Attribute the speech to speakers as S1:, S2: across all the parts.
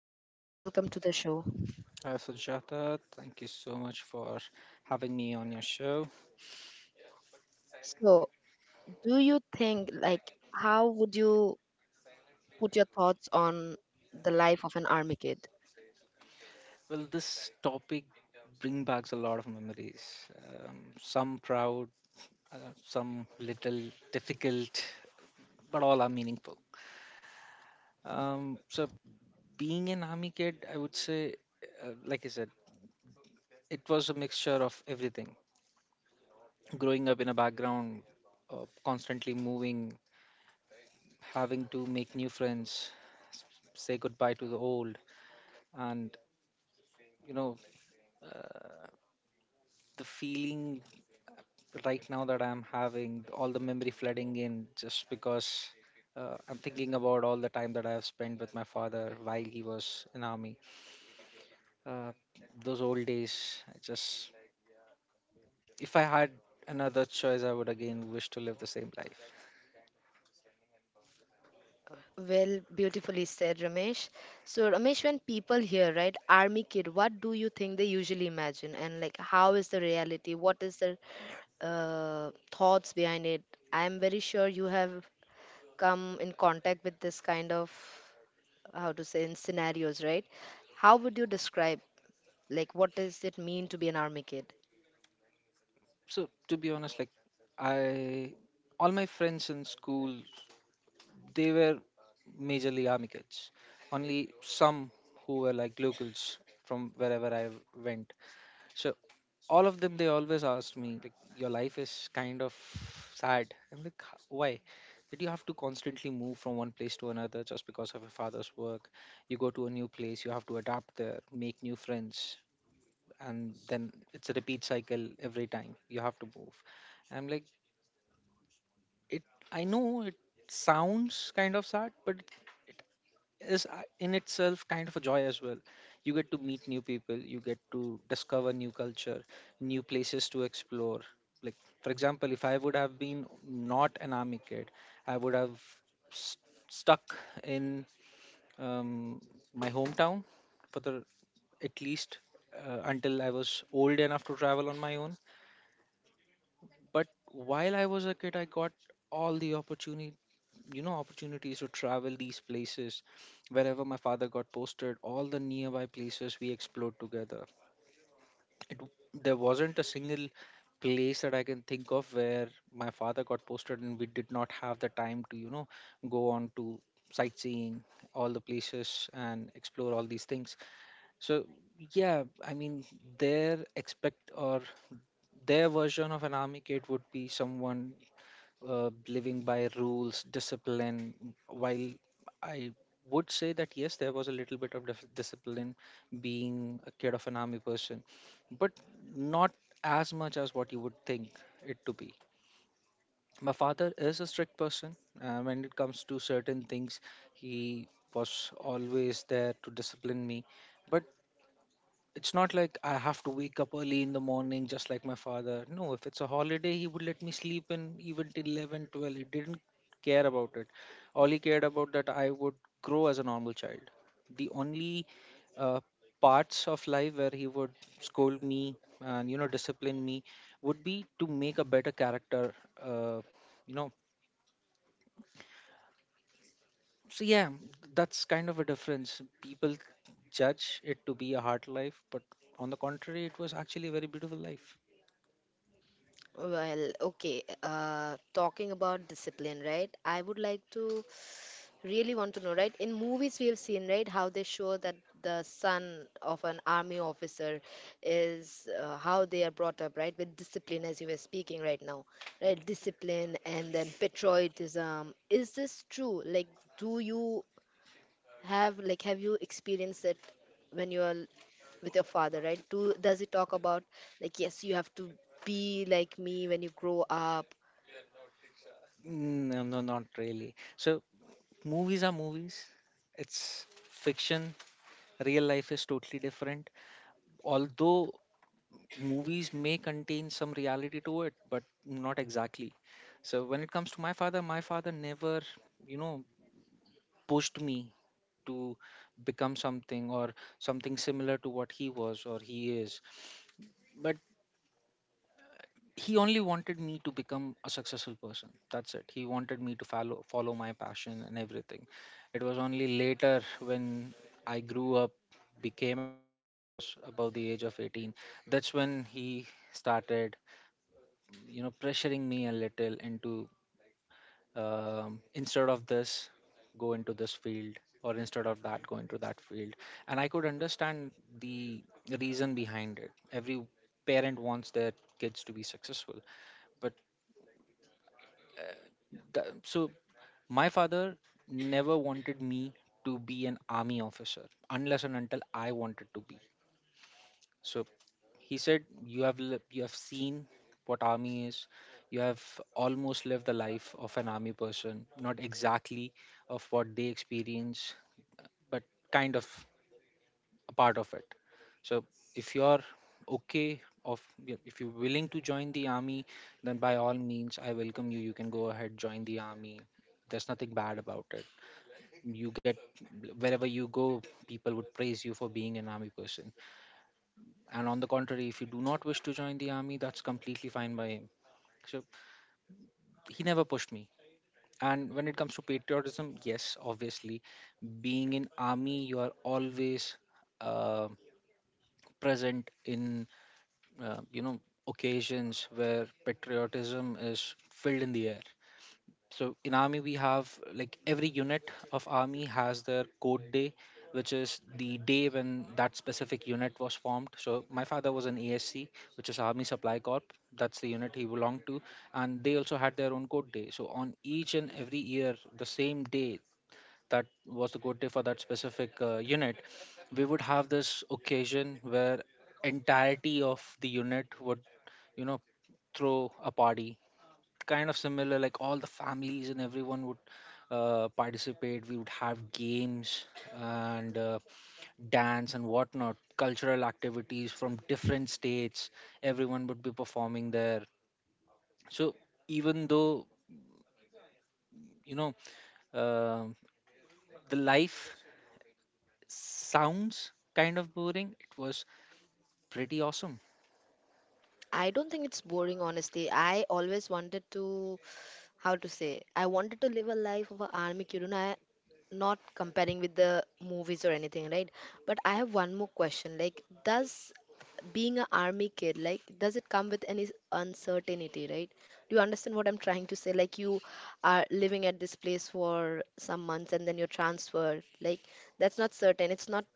S1: Hello, Ramesh. Welcome to the show.
S2: Hi, Sujata. Thank you so much for having me on your show.
S1: So, do you think, like, how would you put your thoughts on the life of an army kid?
S2: Well, this topic brings back a lot of memories. Some proud, some little difficult, but all are meaningful. Um, so, Being an army kid, I would say, like I said, it was a mixture of everything. Growing up in a background of constantly moving, having to make new friends, say goodbye to the old, and you know. Uh, the feeling right now that I'm having, all the memory flooding in, just because I'm thinking about all the time that I have spent with my father while he was in army. Uh, those old days, I just if I had another choice, I would again wish to live the same life.
S1: Well, beautifully said, Ramesh. So, Ramesh, when people hear, right, army kid, what do you think they usually imagine? And, like, how is the reality? What is the thoughts behind it? I'm very sure you have come in contact with this kind of, how to say, in scenarios, right? How would you describe, like, what does it mean to be an army kid?
S2: So to be honest, like I, all my friends in school, they were majorly army kids. Only some who were like locals from wherever I went. So all of them they always asked me like your life is kind of sad. I'm like, Why that you have to constantly move from one place to another just because of your father's work? You go to a new place, you have to adapt there, make new friends, and then it's a repeat cycle every time you have to move." I'm like, it I know it sounds kind of sad, but is in itself kind of a joy as well. You get to meet new people, you get to discover new culture, new places to explore. Like, for example, if I would have been not an army kid, I would have st- stuck in um, my hometown for the at least until I was old enough to travel on my own. But while I was a kid, I got all the opportunity, you know, opportunities to travel these places. Wherever my father got posted, all the nearby places we explored together. It, there wasn't a single place that I can think of where my father got posted and we did not have the time to, you know, go on to sightseeing all the places and explore all these things. So, yeah, I mean, their expect or their version of an army kid would be someone living by rules, discipline. While I would say that yes, there was a little bit of discipline being a kid of an army person, but not as much as what you would think it to be. My father is a strict person. When it comes to certain things, he was always there to discipline me. But it's not like I have to wake up early in the morning just like my father. No, if it's a holiday, he would let me sleep in even till 11, 12. He didn't care about it. All he cared about that I would grow as a normal child. The only uh, parts of life where he would scold me and you know discipline me would be to make a better character. Uh, you know, so yeah, that's kind of a difference. People judge it to be a hard life, but on the contrary, it was actually a very beautiful life.
S1: Well, okay, talking about discipline, right, I would like to really want to know, right, in movies we have seen, right, how they show that the son of an army officer is, how they are brought up, right, with discipline, as you were speaking right now, right? Discipline and then patriotism, is this true? Like, do you have, like, have you experienced it when you are with your father, right? Do, does he talk about like, yes, you have to be like me when you grow up?
S2: Mm, no, no, not really. So movies are movies. It's fiction. Real life is totally different. Although movies may contain some reality to it, but not exactly. So when it comes to my father never, you know, pushed me to become something or something similar to what he was or he is. But he only wanted me to become a successful person. That's it. He wanted me to follow my passion and everything. It was only later when I grew up, became an adult, I was about the age of 18. That's when he started, you know, pressuring me a little into, instead of this go into this field, or instead of that go into that field. And I could understand the reason behind it. Every parent wants their kids to be successful. But Th- so my father never wanted me to be an army officer unless and until I wanted to be. So he said, "You have you have seen what army is. You have almost lived the life of an army person. Not exactly of what they experience, but kind of a part of it. So if you're okay." Of If you're willing to join the army, then by all means, I welcome you. You can go ahead, join the army. There's nothing bad about it. You get wherever you go, people would praise you for being an army person. And on the contrary, if you do not wish to join the army, that's completely fine by him. So he never pushed me. And when it comes to patriotism, yes, obviously, being in army you are always uh, present in you know, occasions where patriotism is filled in the air. So in army we have like every unit of army has their code day, which is the day when that specific unit was formed. So my father was an ASC, which is Army Supply Corp. That's the unit he belonged to, and they also had their own code day. So on each and every year, the same day that was the code day for that specific unit, we would have this occasion where entirety of the unit would, you know, throw a party, kind of similar, like all the families and everyone would participate. We would have games and dance and whatnot, cultural activities from different states. Everyone would be performing there. So even though, you know, um the life sounds kind of boring, it was pretty awesome.
S1: I don't think it's boring, honestly. I always wanted to, how to say, I wanted to live a life of an army kid, and I, not comparing with the movies or anything, right? But I have one more question. Like, does being an army kid, like, does it come with any uncertainty, right? Do you understand what I'm trying to say? Like, you are living at this place for some months and then you're transferred. Like, that's not certain. It's not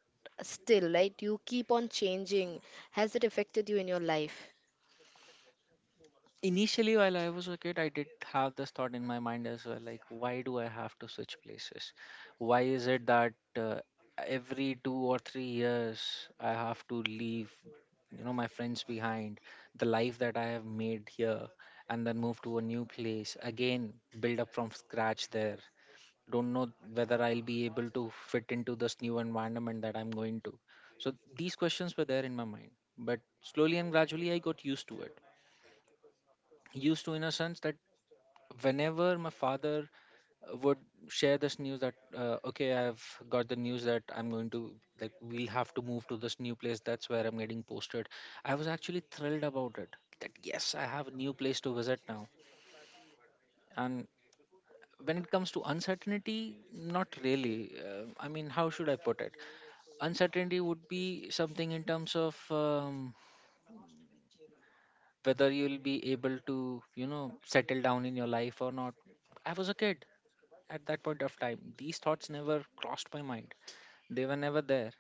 S1: still, right? You keep on changing. Has it affected you in your life?
S2: Initially, while I was a kid, I did have this thought in my mind as well, like why do I have to switch places? Why is it that uh, every 2 or 3 years I have to leave, you know, my friends behind, the life that I have made here, and then move to a new place again, build up from scratch there, don't know whether I'll be able to fit into this new environment that I'm going to. So these questions were there in my mind, but slowly and gradually I got used to it, used to in a sense that whenever my father would share this news that, okay, I've got the news that I'm going to, like, we'll have to move to this new place, that's where I'm getting posted, I was actually thrilled about it, that yes, I have a new place to visit now. And when it comes to uncertainty, not really. I mean, how should I put it? Uncertainty would be something in terms of, whether you'll be able to, you know, settle down in your life or not. I was a kid. At that point of time, these thoughts never crossed my mind. They were never there.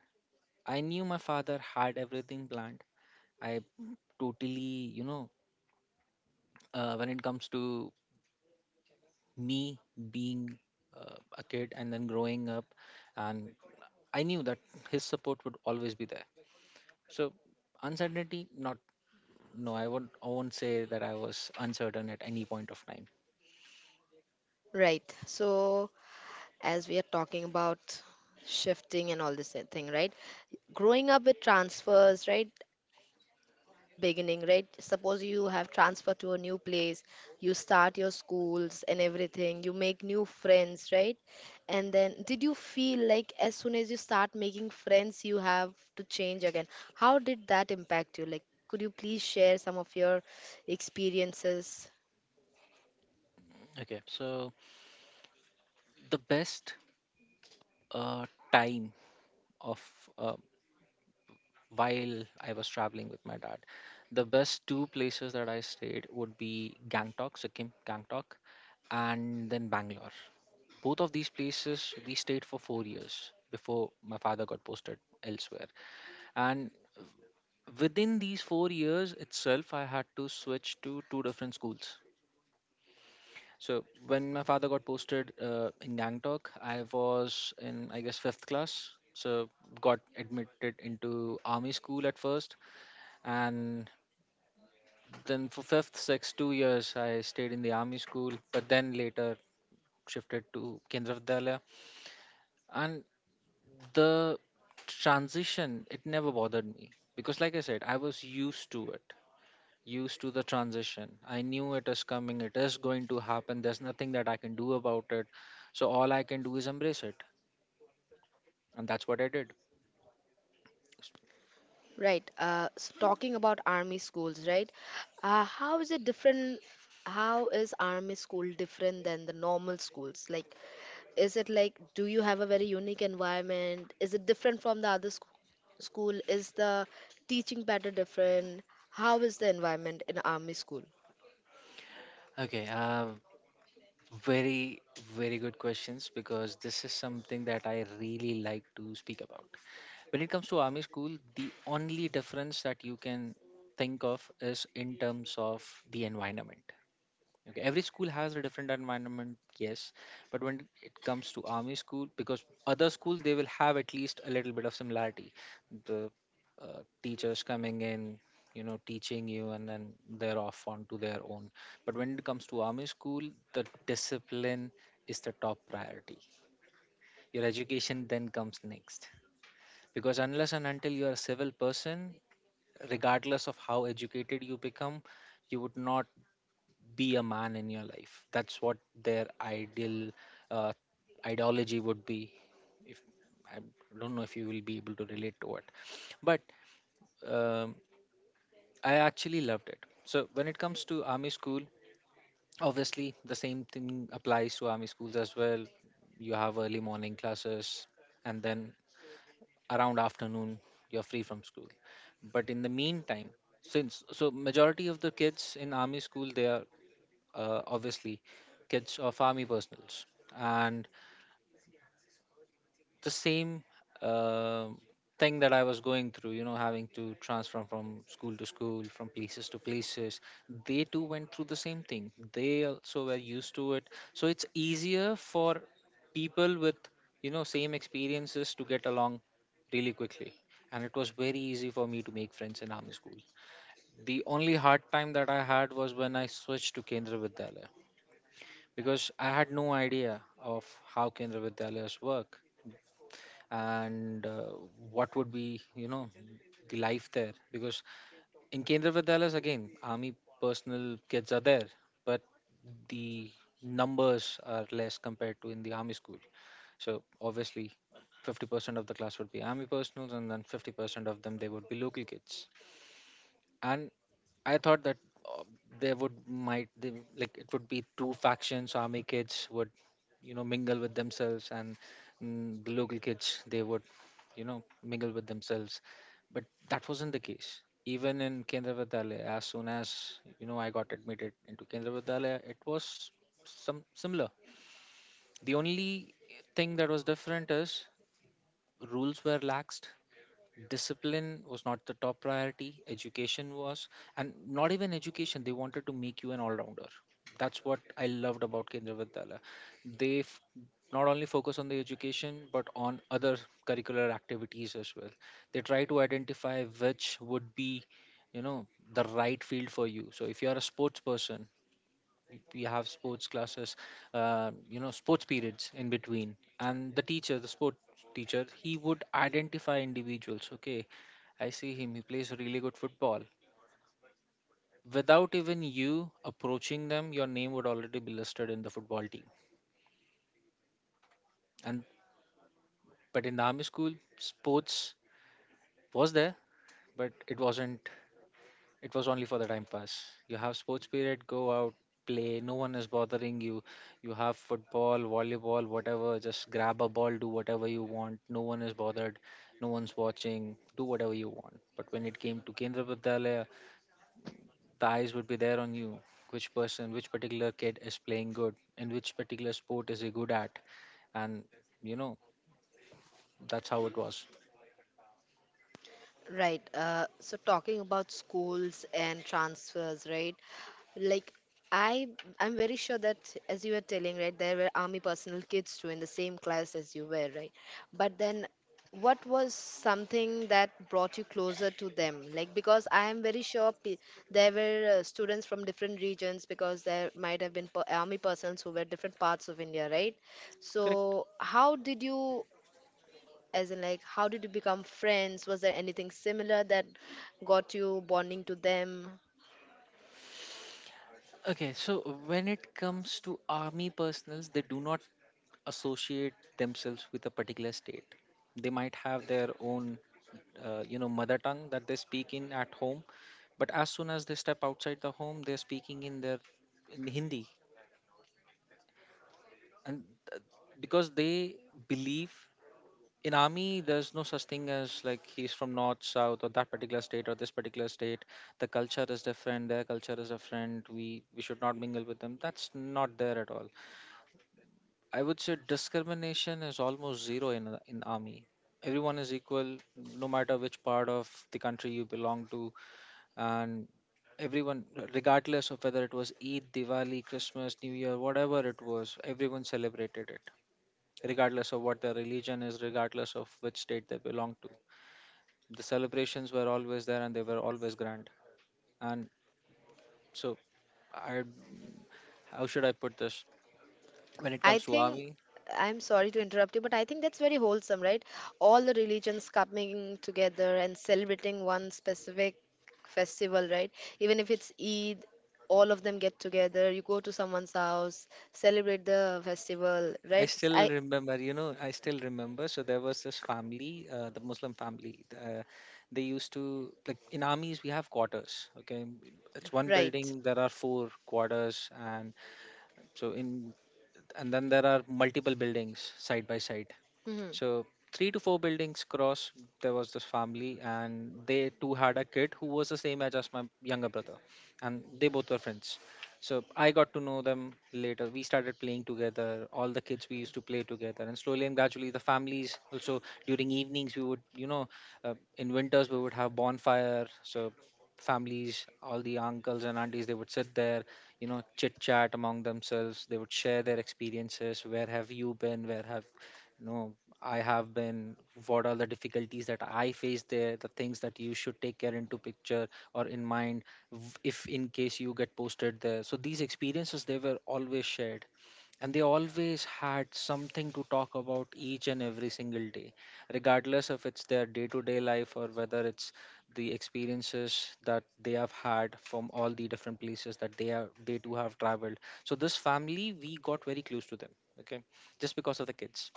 S2: I knew my father had everything planned. I totally, you know, when it comes to me being a kid and then growing up, and I knew that his support would always be there. So, uncertainty, not, no, I won't say that I was uncertain at any point of time.
S1: Right. So, as we are talking about shifting and all this thing, right? Growing up with transfers, right? Every time you had a beginning, right? Suppose you have transferred to a new place, you start your schools and everything, you make new friends, right? And then, did you feel like as soon as you start making friends, you have to change again? How did that impact you? Like, could you please share some of your experiences?
S2: Okay, so the best uh, time of uh, while I was traveling with my dad. The best two places that I stayed would be Gangtok, and then Bangalore. Both of these places we stayed for 4 years before my father got posted elsewhere. And within these 4 years itself, I had to switch to two different schools. So when my father got posted in Gangtok, I was in I guess fifth class. So got admitted into army school at first, and then for fifth, sixth, 2 years, I stayed in the army school, but then later shifted to Kendra Vidyalaya. And the transition, it never bothered me because, like I said, I was used to it, used to the transition. I knew it is coming, it is going to happen. There's nothing that I can do about it. So all I can do is embrace it, and that's what I did.
S1: Right. So talking about army schools, right? How is it different? How is army school different than the normal schools? Like, is it like, do you have a very unique environment? Is it different from the other school? Is the teaching pattern different? How is the environment in army school?
S2: Okay, very, very good questions because this is something that I really like to speak about. When it comes to army school, the only difference that you can think of is in terms of the environment. Okay, every school has a different environment, yes, but when it comes to army school, because other schools they will have at least a little bit of similarity. The teachers coming in, you know, teaching you, and then they're off onto their own. But when it comes to army school, the discipline is the top priority. Your education then comes next. Because unless and until you are a civil person, regardless of how educated you become, you would not be a man in your life. That's what their ideal uh, ideology would be. If I don't know if you will be able to relate to it, but um, I actually loved it. So when it comes to army school, obviously the same thing applies to army schools as well. You have early morning classes, and then around afternoon you're free from school, but in the meantime, since so majority of the kids in army school, they are obviously kids of army personals, and the same uh, thing that I was going through, you know, having to transfer from school to school, from places to places. They too went through the same thing. They also were used to it. So it's easier for people with, you know, same experiences to get along really quickly. And it was very easy for me to make friends in army school. The only hard time that I had was when I switched to Kendra Vidyalaya, because I had no idea of how Kendra Vidyalayas work, and what would be, you know, the life there, because in Kendra Vidyalayas, again, army personal kids are there, but the numbers are less compared to in the army school. So obviously, 50% of the class would be army personals, and then 50% of them, they would be local kids. And I thought that uh, there would, might they, like, it would be two factions. Army kids would, you know, mingle with themselves, and the local kids, they would, you know, mingle with themselves. But that wasn't the case. Even in Kendra Vidyalaya, as soon as, you know, I got admitted into Kendra Vidyalaya, it was some similar. The only thing that was different is rules were laxed, discipline was not the top priority, education was. And not even education, they wanted to make you an all-rounder. That's what I loved about Kendra Vidyalaya. They not only focus on the education, but on other curricular activities as well. They try to identify which would be, you know, the right field for you. So if you are a sports person, we have sports classes, you know, sports periods in between. And the teacher, the sport teacher, he would identify individuals. Okay, I see him, he plays really good football. Without even you approaching them, your name would already be listed in the football team. And but in the army school, sports was there, but it wasn't, it was only for the time pass. You have sports period, go out, play. No one is bothering you. You have football, volleyball, whatever. Just grab a ball, do whatever you want. No one is bothered. No one's watching. Do whatever you want. But when it came to Kendra Vidyalaya, the eyes would be there on you. Which person, which particular kid is playing good, and which particular sport is he good at, and, you know, that's how it was.
S1: Right. So talking about schools and transfers, right? Like, I I'm very sure that, as you were telling, right, there were army personnel kids too in the same class as you were, right? But then what was something that brought you closer to them? Like, because I am very sure, there were students from different regions, because there might have been army persons who were different parts of India, right?
S2: Correct.
S1: So how did you, as in, like, how did you become friends? Was there anything similar that got you bonding to them?
S2: Okay, so when it comes to army personals, they do not associate themselves with a particular state. They might have their own, you know, mother tongue that they speak in at home, but as soon as they step outside the home, they're speaking in their, in Hindi, and th- because they believe in army, there's no such thing as, like, he's from north, south, or that particular state or this particular state. The culture is different. Their culture is different. We should not mingle with them. That's not there at all. I would say discrimination is almost zero in army. Everyone is equal, no matter which part of the country you belong to, and everyone, regardless of whether it was Eid, Diwali, Christmas, New Year, whatever it was, everyone celebrated it, regardless of what their religion is, regardless of which state they belong to. The celebrations were always there, and they were always grand. And so, I, how should I put this? When it
S1: I
S2: comes to
S1: think,
S2: army,
S1: I'm sorry to interrupt you, but I think that's very wholesome, right? All the religions coming together and celebrating one specific festival, right? Even if it's Eid, all of them get together. You go to someone's house, celebrate the festival,
S2: I
S1: right?
S2: still
S1: I
S2: remember, you know, I still remember. So there was this family, the Muslim family. They used to, like, in armies, we have quarters. Okay. It's one
S1: right.
S2: building, there are four quarters. And so in, and then there are multiple buildings side by side.
S1: Hmm.
S2: So three to four buildings across, there was this family, and they too had a kid who was the same age as my younger brother, and they both were friends. So I got to know them later. We started playing together. All the kids, we used to play together, and slowly and gradually, the families also during evenings we would, you know, in winters we would have bonfire. So families, all the uncles and aunties, they would sit there, you know, chit chat among themselves. They would share their experiences. Where have you been, where have, you know, I have been, what are the difficulties that I faced there, the things that you should take care into picture or in mind if in case you get posted there. So these experiences, they were always shared, and they always had something to talk about each and every single day, regardless if it's their day to day life or whether it's the experiences that they have had from all the different places that they are, they do have traveled. So this family, we got very close to them. Okay. Just because of the kids,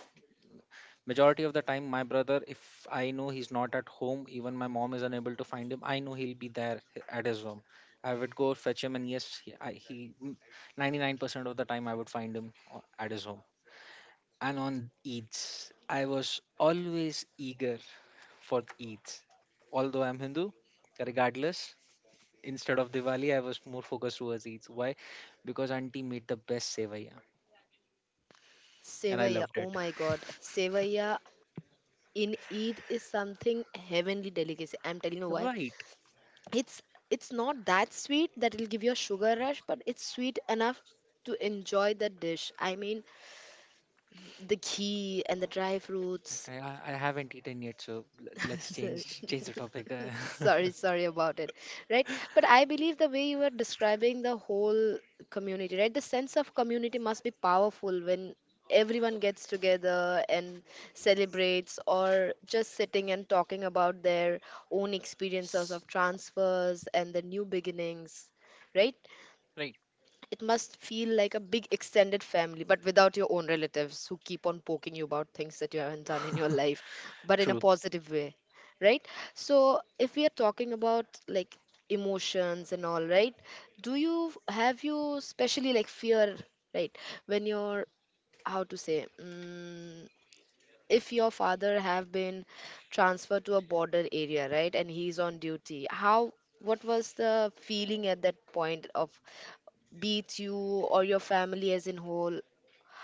S2: majority of the time my brother, if I know he's not at home, even my mom is unable to find him, I know he'll be there at his home. I would go fetch him, and yes he 99% of the time I would find him at his home. And on Eids, I was always eager for Eids. Although I'm Hindu, regardless, instead of Diwali, I was more focused towards Eid. Why? Because auntie made the best sevaya, and I
S1: Sevaya,
S2: loved it.
S1: oh my God. Sevaya in Eid is something heavenly delicacy. I'm telling you why.
S2: Right.
S1: It's it's not that sweet that it'll give you a sugar rush, but it's sweet enough to enjoy the dish. I mean, the ghee and the dry
S2: But
S1: fruits.
S2: I I haven't eaten yet, so let's change the topic.
S1: Sorry, sorry about it. Right, but I believe the way you are describing the whole community, right, the sense of community must be powerful when everyone gets together and celebrates, or just sitting and talking about their own experiences of transfers and the new beginnings, right?
S2: Right.
S1: It must feel like a big extended family, but without your own relatives who keep on poking you about things that you haven't done in your life, but in a
S2: True.
S1: positive way, right? So, if we are talking about like emotions and all, right? Do you have, you especially like fear, right? When you're, how to say, if your father have been transferred to a border area, right, and he's on duty, how, what was the feeling at that point of, be it you or your family as in whole?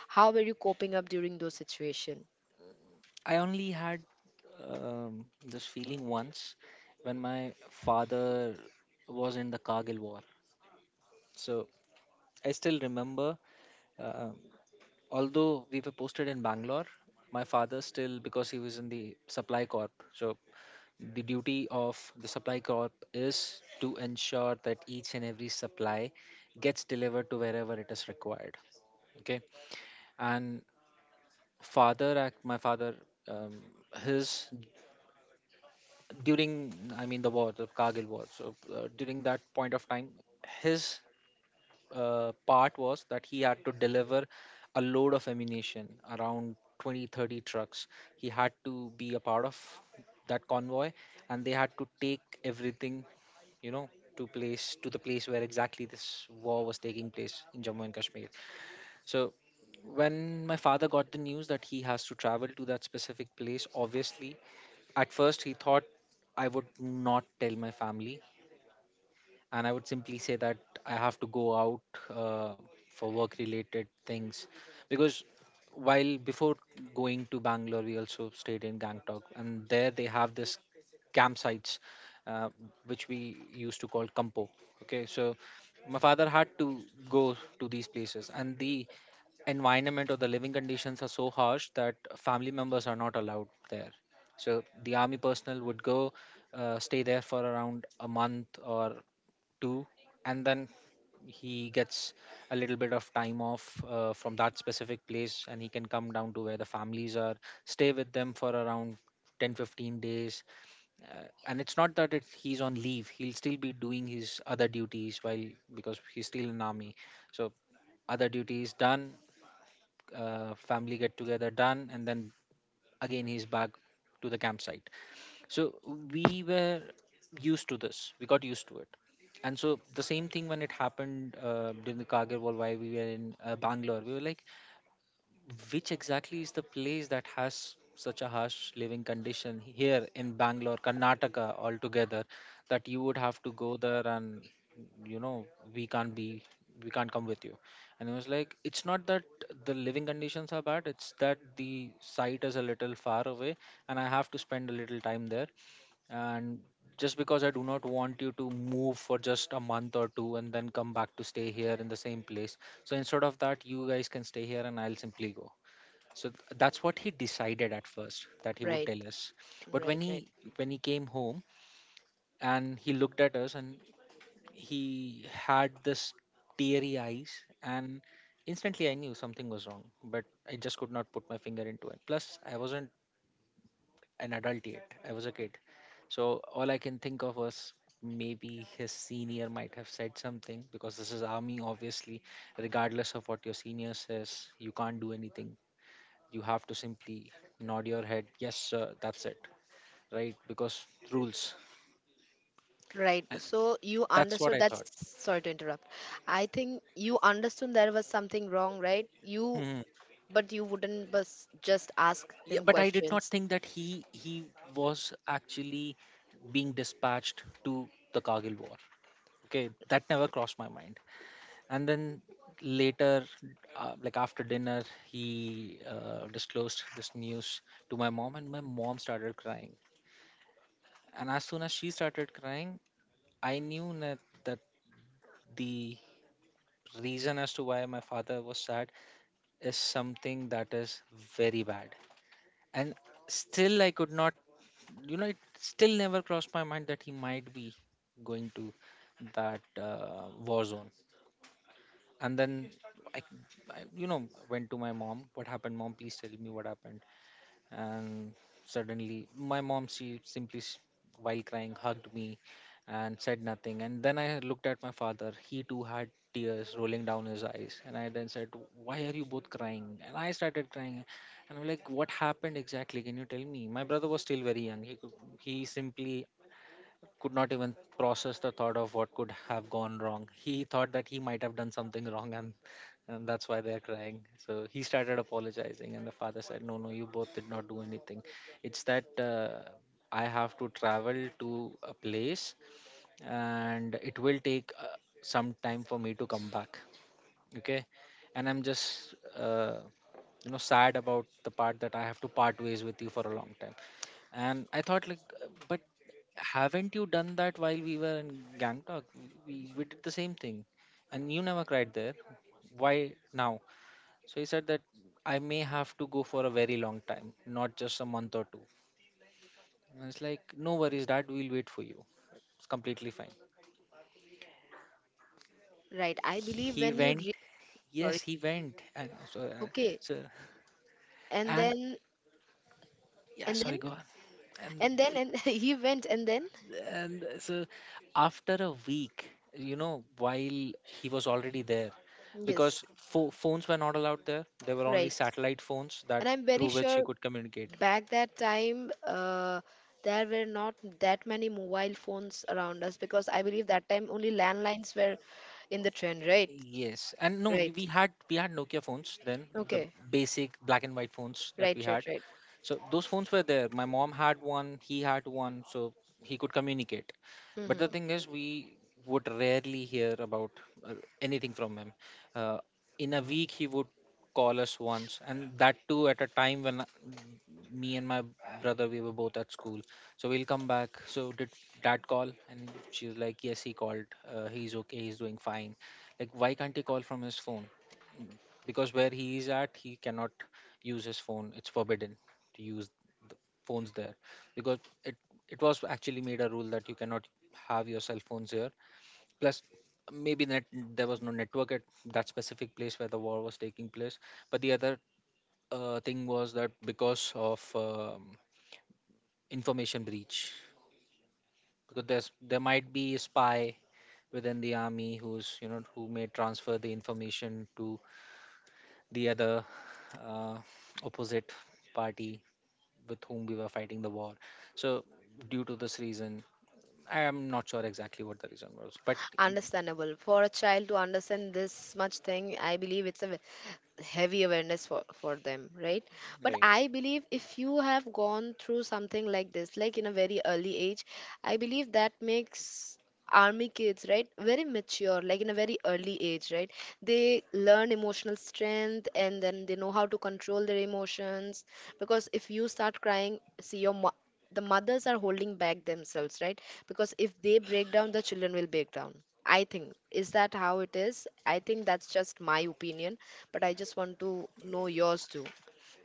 S1: How were you coping up during those situation?
S2: I only had this feeling once when my father was in the Kargil war. So I still remember, uh, although we were posted in Bangalore, my father still, because he was in the supply corp. So the duty of the supply corp is to ensure that each and every supply gets delivered to wherever it is required. Okay, and father, my father, um, his, during, I mean, the war, the Kargil war. So during that point of time, his part was that he had to deliver a load of ammunition, around 20 30 trucks. He had to be a part of that convoy, and they had to take everything, you know, to place to the place where exactly this war was taking place, in Jammu and Kashmir. So when my father got the news that he has to travel to that specific place, obviously at first he thought, I would not tell my family, and I would simply say that I have to go out uh, for work related things. Because while before going to Bangalore, we also stayed in Gangtok, and there they have this campsites, uh, which we used to call Kampo. Okay, so my father had to go to these places, and the environment or the living conditions are so harsh that family members are not allowed there. So the army personnel would go stay there for around a month or two, and then he gets a little bit of time off from that specific place, and he can come down to where the families are, stay with them for around 10 15 days. And it's not that he's on leave, he'll still be doing his other duties, while because he's still in army. So other duties done, family get together done, and then again he's back to the campsite. So we were used to this. We got used to it. And so the same thing when it happened during the Kargil War, why we were in Bangalore, we were like, which exactly is the place that has such a harsh living condition here in Bangalore, Karnataka altogether, that you would have to go there, and, you know, we can't be, we can't come with you. And it was like, it's not that the living conditions are bad; it's that the site is a little far away, and I have to spend a little time there, and just because I do not want you to move for just a month or two and then come back to stay here in the same place. So instead of that, you guys can stay here and I'll simply go. So that's what he decided at first, that he would
S1: Right,
S2: tell us. But when
S1: right, right.
S2: he came home and he looked at us, and he had this teary eyes, and instantly I knew something was wrong, but I just could not put my finger into it. Plus, I wasn't an adult yet. I was a kid. So all I can think of was maybe his senior might have said something, because this is army, obviously. Regardless of what your senior says, you can't do anything. You have to simply nod your head, yes, sir, that's it, right? Because rules.
S1: Right.
S2: And
S1: So you
S2: that's what
S1: understood
S2: I
S1: that's,
S2: thought.
S1: sorry to interrupt. I think you understood there was something wrong, right? You,
S2: Hmm.
S1: but you wouldn't bus just ask
S2: Yeah,
S1: him
S2: but I did not
S1: questions.
S2: think that he was actually being dispatched to the Kargil war. Okay, that never crossed my mind. And then later, like after dinner, he disclosed this news to my mom, and my mom started crying. And as soon as she started crying, I knew that, that the reason as to why my father was sad is something that is very bad. And still I could not, it still never crossed my mind that he might be going to that war zone. And then I, I went to my mom, "What happened, Mom? Please tell me what happened." And suddenly my mom, she simply while crying hugged me and said nothing. And then I looked at my father; he too had tears rolling down his eyes, and I then said, "Why are you both crying?" And I started crying, and I'm like, "What happened exactly? Can you tell me?" My brother was still very young; he simply could not even process the thought of what could have gone wrong. He thought that he might have done something wrong, and that's why they're crying. So he started apologizing, and the father said, "No, no, you both did not do anything. It's that, I have to travel to a place, and it will take some time for me to come back, okay? And I'm just sad about the part that I have to part ways with you for a long time." And I thought like, "But haven't you done that while we were in Gangtok? We did the same thing, and you never cried there. Why now?" So he said that, "I may have to go for a very long time, not just a month or two." And it's like, "No worries, Dad, we'll wait for you. It's completely fine."
S1: Right. I believe
S2: He
S1: when you
S2: went, yes,
S1: sorry.
S2: he went. And so,
S1: Okay.
S2: so
S1: And
S2: and
S1: then,
S2: yeah,
S1: and then,
S2: sorry, go on. And
S1: and then
S2: it-
S1: and he went and then,
S2: and so after a week, you know, while he was already there, because
S1: yes,
S2: phones were not allowed there. There were only
S1: right.
S2: satellite phones that
S1: And I'm very
S2: through which he
S1: sure
S2: could communicate.
S1: back that time, there were not that many mobile phones around us because I believe that time only landlines were in the trend, right?
S2: Yes, and no, we
S1: Right.
S2: we had we had Nokia phones then, the
S1: Okay.
S2: basic black and white phones that we
S1: Right, right,
S2: had.
S1: right.
S2: So those phones were there. My mom had one, he had one, so he could communicate. But the
S1: Hmm.
S2: thing is, we would rarely hear about uh, anything from him. Uh, in a week, he would call us once, and that too at a time when me and my brother, we were both at school. So we'll come back, "So did Dad call?" And she's like, "Yes, he called. He's okay, he's doing fine." "Like, why can't he call from his phone?" "Because where he is at, he cannot use his phone. It's forbidden to use phones there, because it was actually made a rule that you cannot have your cell phones here. Plus, maybe net, there was no network at that specific place where the war was taking place. But the other thing was that, because of information breach, because there might be a spy within the army who's, who may transfer the information to the other, uh, opposite party with whom we were fighting the war. So due to this reason, I am not sure exactly what the reason was, but..."
S1: Understandable. For a child to understand this much thing, I believe it's a heavy awareness for them, right? But
S2: Right.
S1: I believe if you have gone through something like this, like in a very early age, I believe that makes army kids, right, very mature, like in a very early age, right? They learn emotional strength and then they know how to control their emotions, because if you start crying, see your the mothers are holding back themselves, right? Because if they break down, the children will break down. I think, is that how it is? I think that's just my opinion, but I just want to know yours too.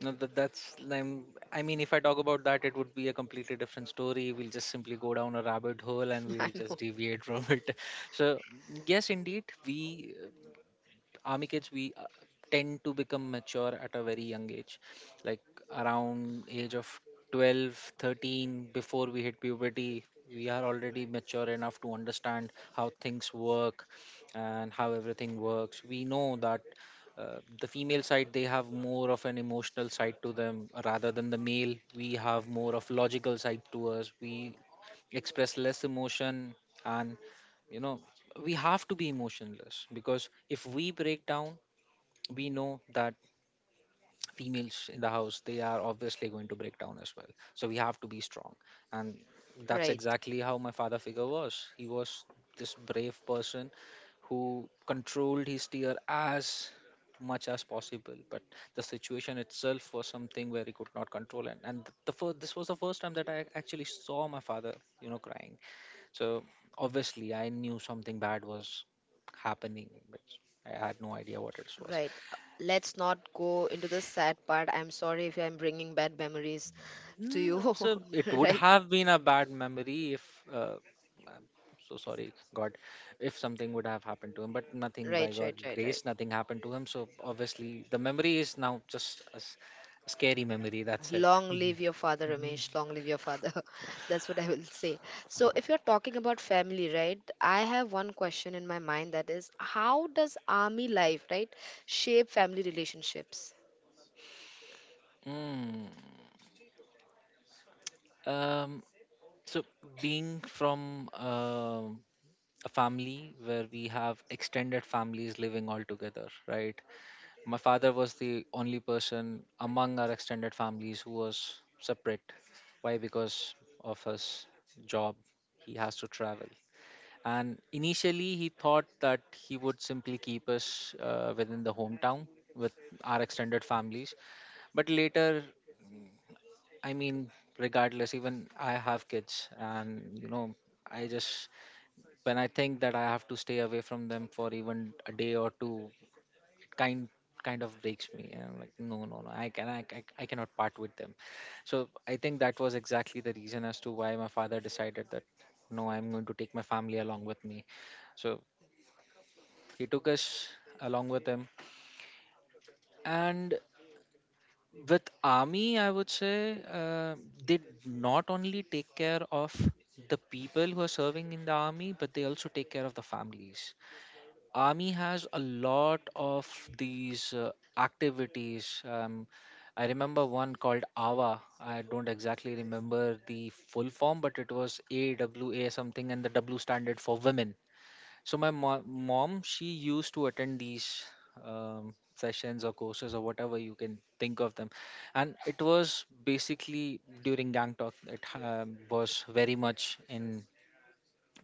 S2: No, that's I mean, if I talk about that, it would be a completely different story. We'll just simply go down a rabbit hole and
S1: I
S2: we'll just
S1: know,
S2: deviate from it. So, yes, indeed, we army kids, we tend to become mature at a very young age, like around age of 12, 13, before we hit puberty. We are already mature enough to understand how things work, and how everything works. We know that, the female side, they have more of an emotional side to them rather than the male. We have more of logical side to us. We express less emotion, and, you know we have to be emotionless, because if we break down, we know that females in the house, they are obviously going to break down as well, so we have to be strong. And that's
S1: right.
S2: exactly how my father figure was. He was this brave person who controlled his tear as much as possible, but the situation itself was something where he could not control. And the first this was the first time that I actually saw my father, crying. So obviously I knew something bad was happening, but I had no idea what it was.
S1: Right, let's not go into the sad part. I'm sorry if I'm bringing bad memories to you.
S2: So it would
S1: Right,
S2: have been a bad memory if, uh, so sorry, God, if something would have happened to him, but nothing, by
S1: right,
S2: God
S1: right, right, right.
S2: grace, nothing happened to him. So obviously the memory is now just a scary memory. That's it.
S1: Long live your father, Ramesh. Long live your father. That's what I will say. So, if you're talking about family, right, I have one question in my mind that is, how does army life, right, shape family relationships?
S2: Mm. Um, so being from a family where we have extended families living all together, right? My father was the only person among our extended families who was separate. Why? Because of his job, he has to travel. And initially, he thought that he would simply keep us within the hometown with our extended families. But later, I mean, regardless, even I have kids, and, you know, I just, when I think that I have to stay away from them for even a day or two, kind kind of breaks me, and I'm like, "No, no, no, I cannot part with them." So I think that was exactly the reason as to why my father decided that, "No, I'm going to take my family along with me." So he took us along with him. And with army, I would say, they not only take care of the people who are serving in the army, but they also take care of the families. Army has a lot of these activities. I remember one called AWA. I don't exactly remember the full form, but it was AWA something, and the W standard for women. So my mom, she used to attend these sessions or courses or whatever you can think of them, and it was basically during Gang Talk. It was very much in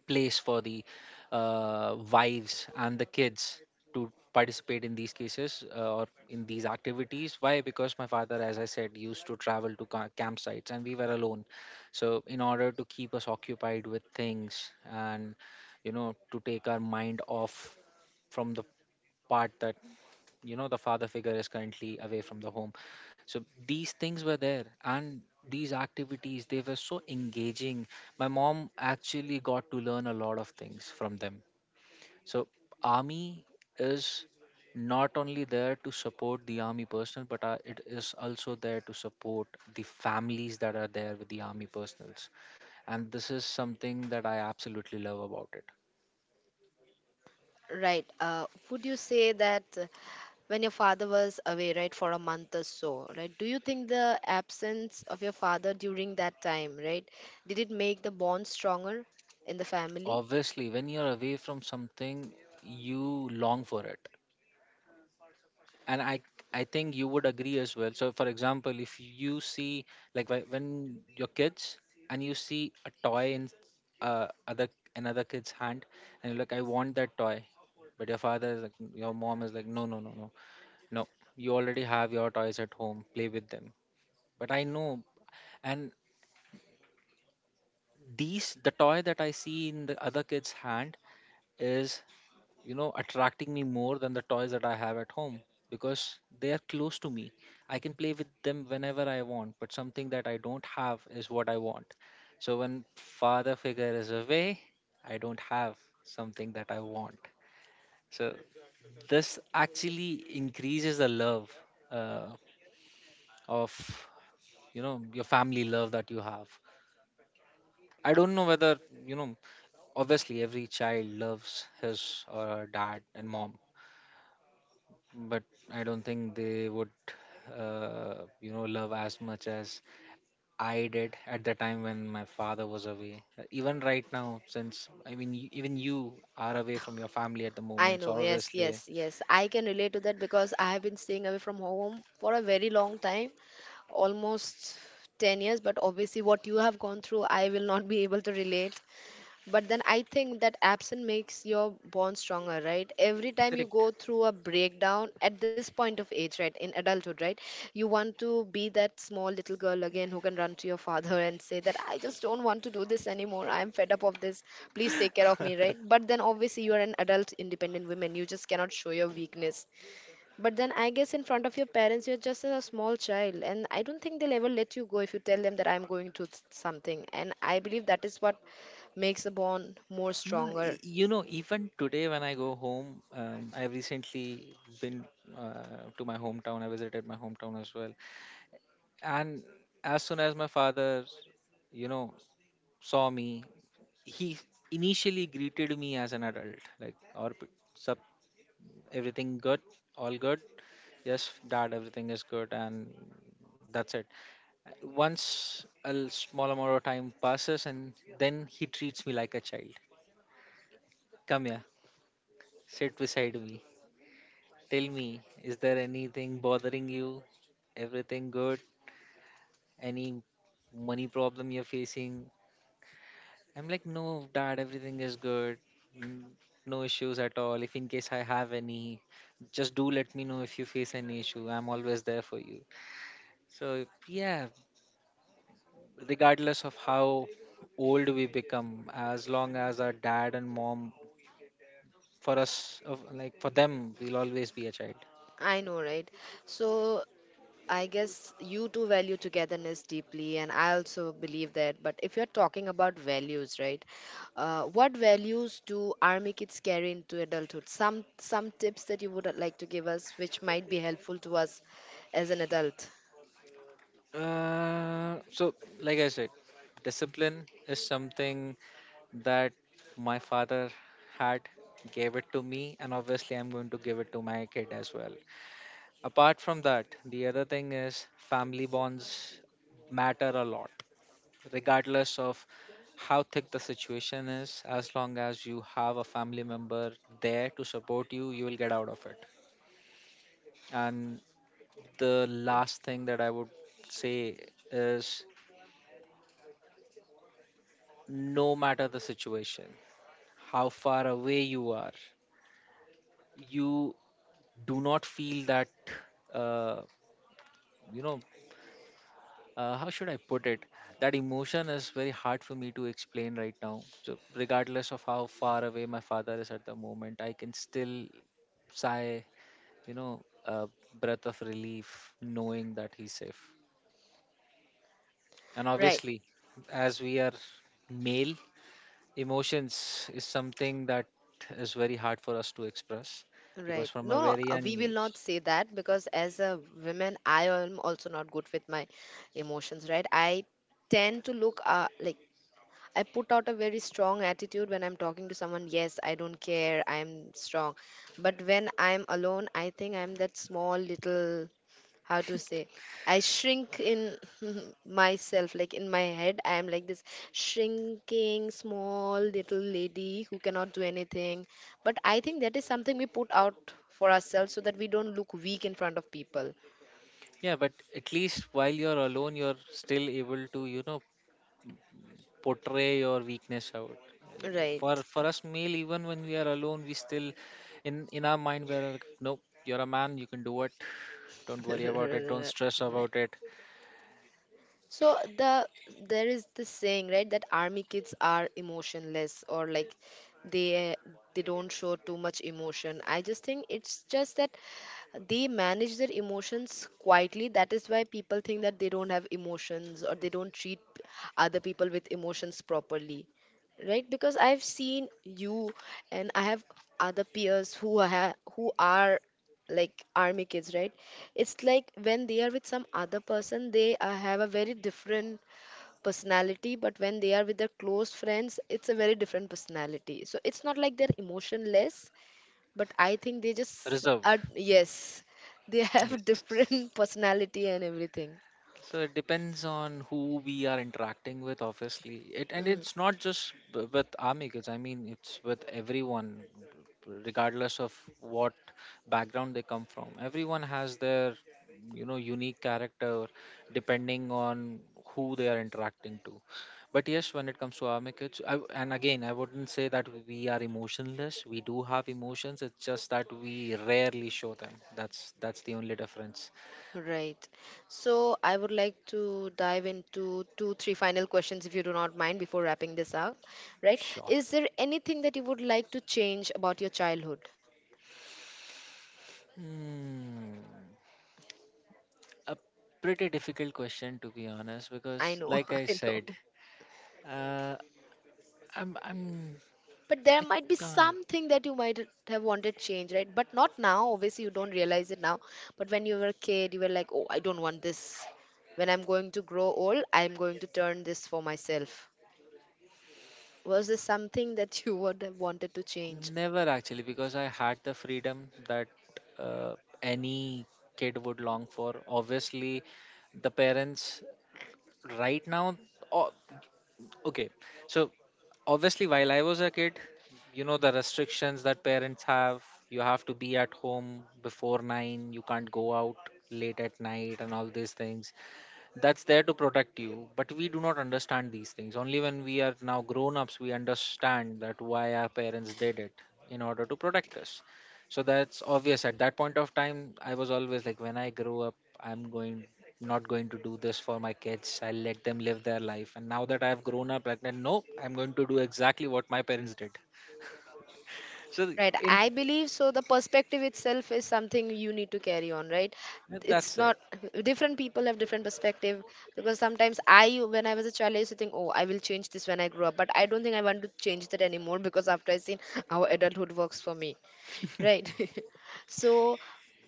S2: place for the wives and the kids to participate in these cases, or in these activities. Why? Because my father, as I said, used to travel to campsites and we were alone. So in order to keep us occupied with things, and, to take our mind off from the part that, the father figure is currently away from the home, so these things were there. And these activities, they were so engaging. My mom actually got to learn a lot of things from them. So army is not only there to support the army personnel, but it is also there to support the families that are there with the army personnels. And this is something that I absolutely love about it.
S1: Right. Would you say that when your father was away, right, for a month or so, right, do you think the absence of your father during that time, right, did it make the bond stronger in the family?
S2: Obviously when you're away from something, you long for it, and I think you would agree as well. So for example, if you see, like, when your kids, and you see a toy in other another kid's hand, and you're like, "I want that toy." But your mom is like, "No, no, no, no, no, you already have your toys at home, play with them." "But I know, and the toy that I see in the other kid's hand is, attracting me more than the toys that I have at home, because they are close to me. I can play with them whenever I want, but something that I don't have is what I want." So when father figure is away, I don't have something that I want. So this actually increases the love, uh, of your family love that you have. I don't know whether, you know obviously every child loves his or her dad and mom, but I don't think they would, uh, love as much as I did at the time when my father was away. Even right now, since, I mean, even you are away from your family at the
S1: I
S2: moment,
S1: know,
S2: so
S1: yes,
S2: obviously.
S1: yes, yes. I can relate to that because I have been staying away from home for a very long time, almost 10 years. But obviously, what you have gone through, I will not be able to relate. But then I think that absence makes your bond stronger, right? Every time you
S2: Correct.
S1: go through a breakdown at this point of age, right, in adulthood, right, you want to be that small little girl again who can run to your father and say that I just don't want to do this anymore, I'm fed up of this, please take care of me, right? But then obviously you're an adult independent woman, you just cannot show your weakness. But then I guess in front of your parents, you're just a small child, and I don't think they'll ever let you go if you tell them that I'm going to something. And I believe that is what makes a bond more
S2: No,
S1: stronger.
S2: even today when I go home, I've recently been, to my hometown. I visited my hometown as well, and as soon as my father, you know, saw me he initially greeted me as an adult, like, or p- sup, everything good, all good. Yes dad, everything is good and that's it. Once a l- small amount of time passes and then he treats me like a child. Come here, sit beside me, tell me, is there anything bothering you, everything good, any money problem you're facing? I'm like, no, dad, everything is good. n- No issues at all. If in case I have any, just do let me know if you face any issue. I'm always there for you. So, yeah, regardless of how old we become, as long as our dad and mom, for us, like for them, we'll always be a child.
S1: I know, right? So I guess you two value togetherness deeply, and I also believe that. But if you're talking about values, right? What values do army kids carry into adulthood? Some tips that you would like to give us, which might be helpful to us as an adult,
S2: So, like I said, discipline is something that my father had gave it to me, and obviously I'm going to give it to my kid as well. Apart from that, the other thing is family bonds matter a lot. Regardless of how thick the situation is, as long as you have a family member there to support you, you will get out of it. And the last thing that I would say is, no matter the situation, how far away you are, you do not feel that, uh, you know how should I put it, that emotion is very hard for me to explain right now. So regardless of how far away my father is at the moment, I can still sigh, you know, a breath of relief knowing that he's safe. And
S1: right?
S2: obviously, as we are male, emotions is something that is very hard for us to express, because
S1: Right.
S2: from a
S1: No, no,
S2: very
S1: we
S2: young
S1: will
S2: age.
S1: not say that because as a woman, I am also not good with my emotions, right? I tend to look like I put out a very strong attitude when I'm talking to someone. Yes, I don't care. I'm strong. But when I'm alone, I think I'm that small little how to say I shrink in myself. Like in my head I am like this shrinking small little lady who cannot do anything, but I think that is something we put out for ourselves so that we don't look weak in front of people.
S2: Yeah, but at least while you're alone, you're still able to, you know, portray your weakness out. For
S1: Right.
S2: us male, even when we are alone, we still, in our mind, we're like, nope, you're a man, you can do it. Don't worry about it. Don't stress
S1: Right.
S2: about it.
S1: So there is this saying, right, that army kids are emotionless, or like they they don't show too much emotion. I just think it's just that they manage their emotions quietly. That is why people think that they don't have emotions, or they don't treat other people with emotions properly, right? Because I've seen you, and I have other peers who who are like army kids, right? It's like when they are with some other person, they have a very different personality, but when they are with their close friends, it's a very different personality. So it's not like they're emotionless, but I think they just
S2: Reserved.
S1: are, yes, they
S2: Yes.
S1: have different personality and everything.
S2: So it depends on who we are interacting with, obviously. It and
S1: Mhm.
S2: it's not just with army kids. I mean, it's with everyone, regardless of what background they come from. Everyone has their, you know, unique character, depending on who they are interacting to. But yes, when it comes to army kids, I, and again, I wouldn't say that we are emotionless. We do have emotions. It's just that we rarely show them. That's the only difference.
S1: Right. So I would like to dive into two, three final questions, if you do not mind, before wrapping this up. Right?
S2: Sure.
S1: Is there anything that you would like to change about your childhood?
S2: Hmm, a pretty difficult question, to be honest,
S1: I
S2: because
S1: know,
S2: like I
S1: I
S2: said,
S1: know.
S2: uh, I'm
S1: But there
S2: I
S1: might be
S2: can't,
S1: something that you might have wanted change, right? But not now. Obviously, you don't realize it now. But when you were a kid, you were like, oh, I don't want this. When I'm going to grow old, I'm going to turn this for myself. Was there something that you would have wanted to change?
S2: never actually, because I had the freedom that, uh, any kid would long for. Obviously, the parents right now. o- Okay, so obviously, while I was a kid, you know, the restrictions that parents have, you have to be at home before nine, you can't go out late at night, and all these things that's there to protect you. But we do not understand these things. Only when we are now grown ups we understand that why our parents did it, in order to protect us. So that's obvious. At that point of time I was always like, when I grow up, I'm going, not going to do this for my kids, I'll let them live their life. And now that I've grown up, like, no, I'm going to do exactly what my parents did. So
S1: Right,
S2: in,
S1: I believe so. The perspective itself is something you need to carry on, right? It's
S2: that's it.
S1: not different people have different perspective, because sometimes I, when I was a child, I used to think, oh, I will change this when I grow up, but I don't think I want to change that anymore, because after I seen how adulthood works for me, right? So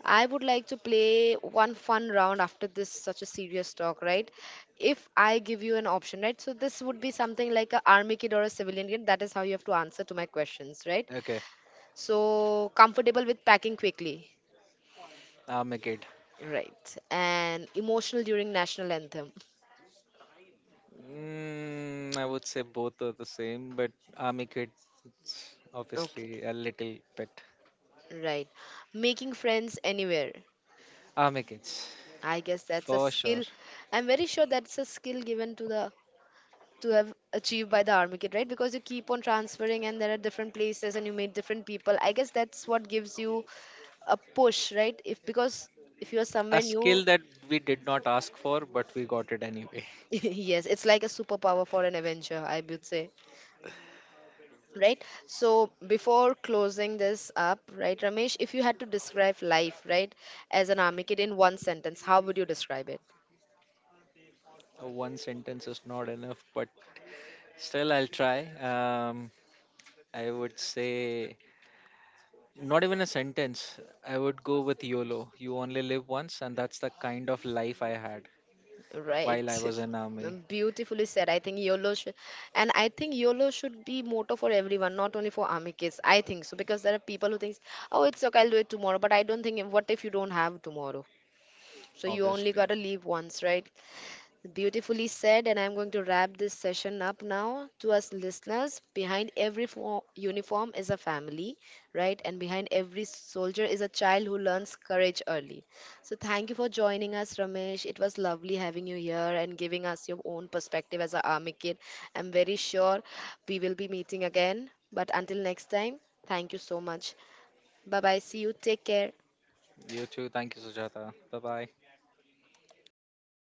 S1: I would like to play one fun round after this such a serious talk, right? If I give you an option, right? So this would be something like a army kid or a civilian kid. That is how you have to answer to my questions, right?
S2: Okay.
S1: So comfortable with packing quickly.
S2: I'm a kid.
S1: Right. And emotional during national anthem.
S2: Mm, I would say both are the same, but army kids,
S1: Okay.
S2: obviously, a little bit.
S1: Right. Making friends anywhere.
S2: Army kids,
S1: I guess that's a
S2: for sure.
S1: skill. I'm very sure that's a skill given to the to have achieved by the army kid, right? Because you keep on transferring and there are different places and you meet different people. I guess that's what gives you a push, right? If because if you're
S2: A
S1: somewhere new,
S2: skill that we did not ask for, but we got it anyway.
S1: yes, it's like a superpower for an Avenger, I would say. Right, so before closing this up, right, Ramesh, if you had to describe life, right, as an army kid in one sentence, how would you describe it?
S2: One sentence is not enough, but still, I'll try. I would say, not even a sentence. I would go with YOLO. You only live once, and that's the kind of life I had
S1: Right.
S2: while I was in army,
S1: Beautifully said. I think YOLO should be motto for everyone, not only for army kids, I think so, because there are people who think, oh, it's okay, I'll do it tomorrow, but I don't think, what if you don't have tomorrow? So you only
S2: obviously.
S1: got to leave once, right? Beautifully said, and I'm going to wrap this session up now. To us listeners, behind every uniform is a family, right? And behind every soldier is a child who learns courage early. So, thank you for joining us, Ramesh. It was lovely having you here and giving us your own perspective as an army kid. I'm very sure we will be meeting again. But until next time, thank you so much. Bye bye. See you. Take care.
S2: You too. Thank you, Sujata. Bye bye.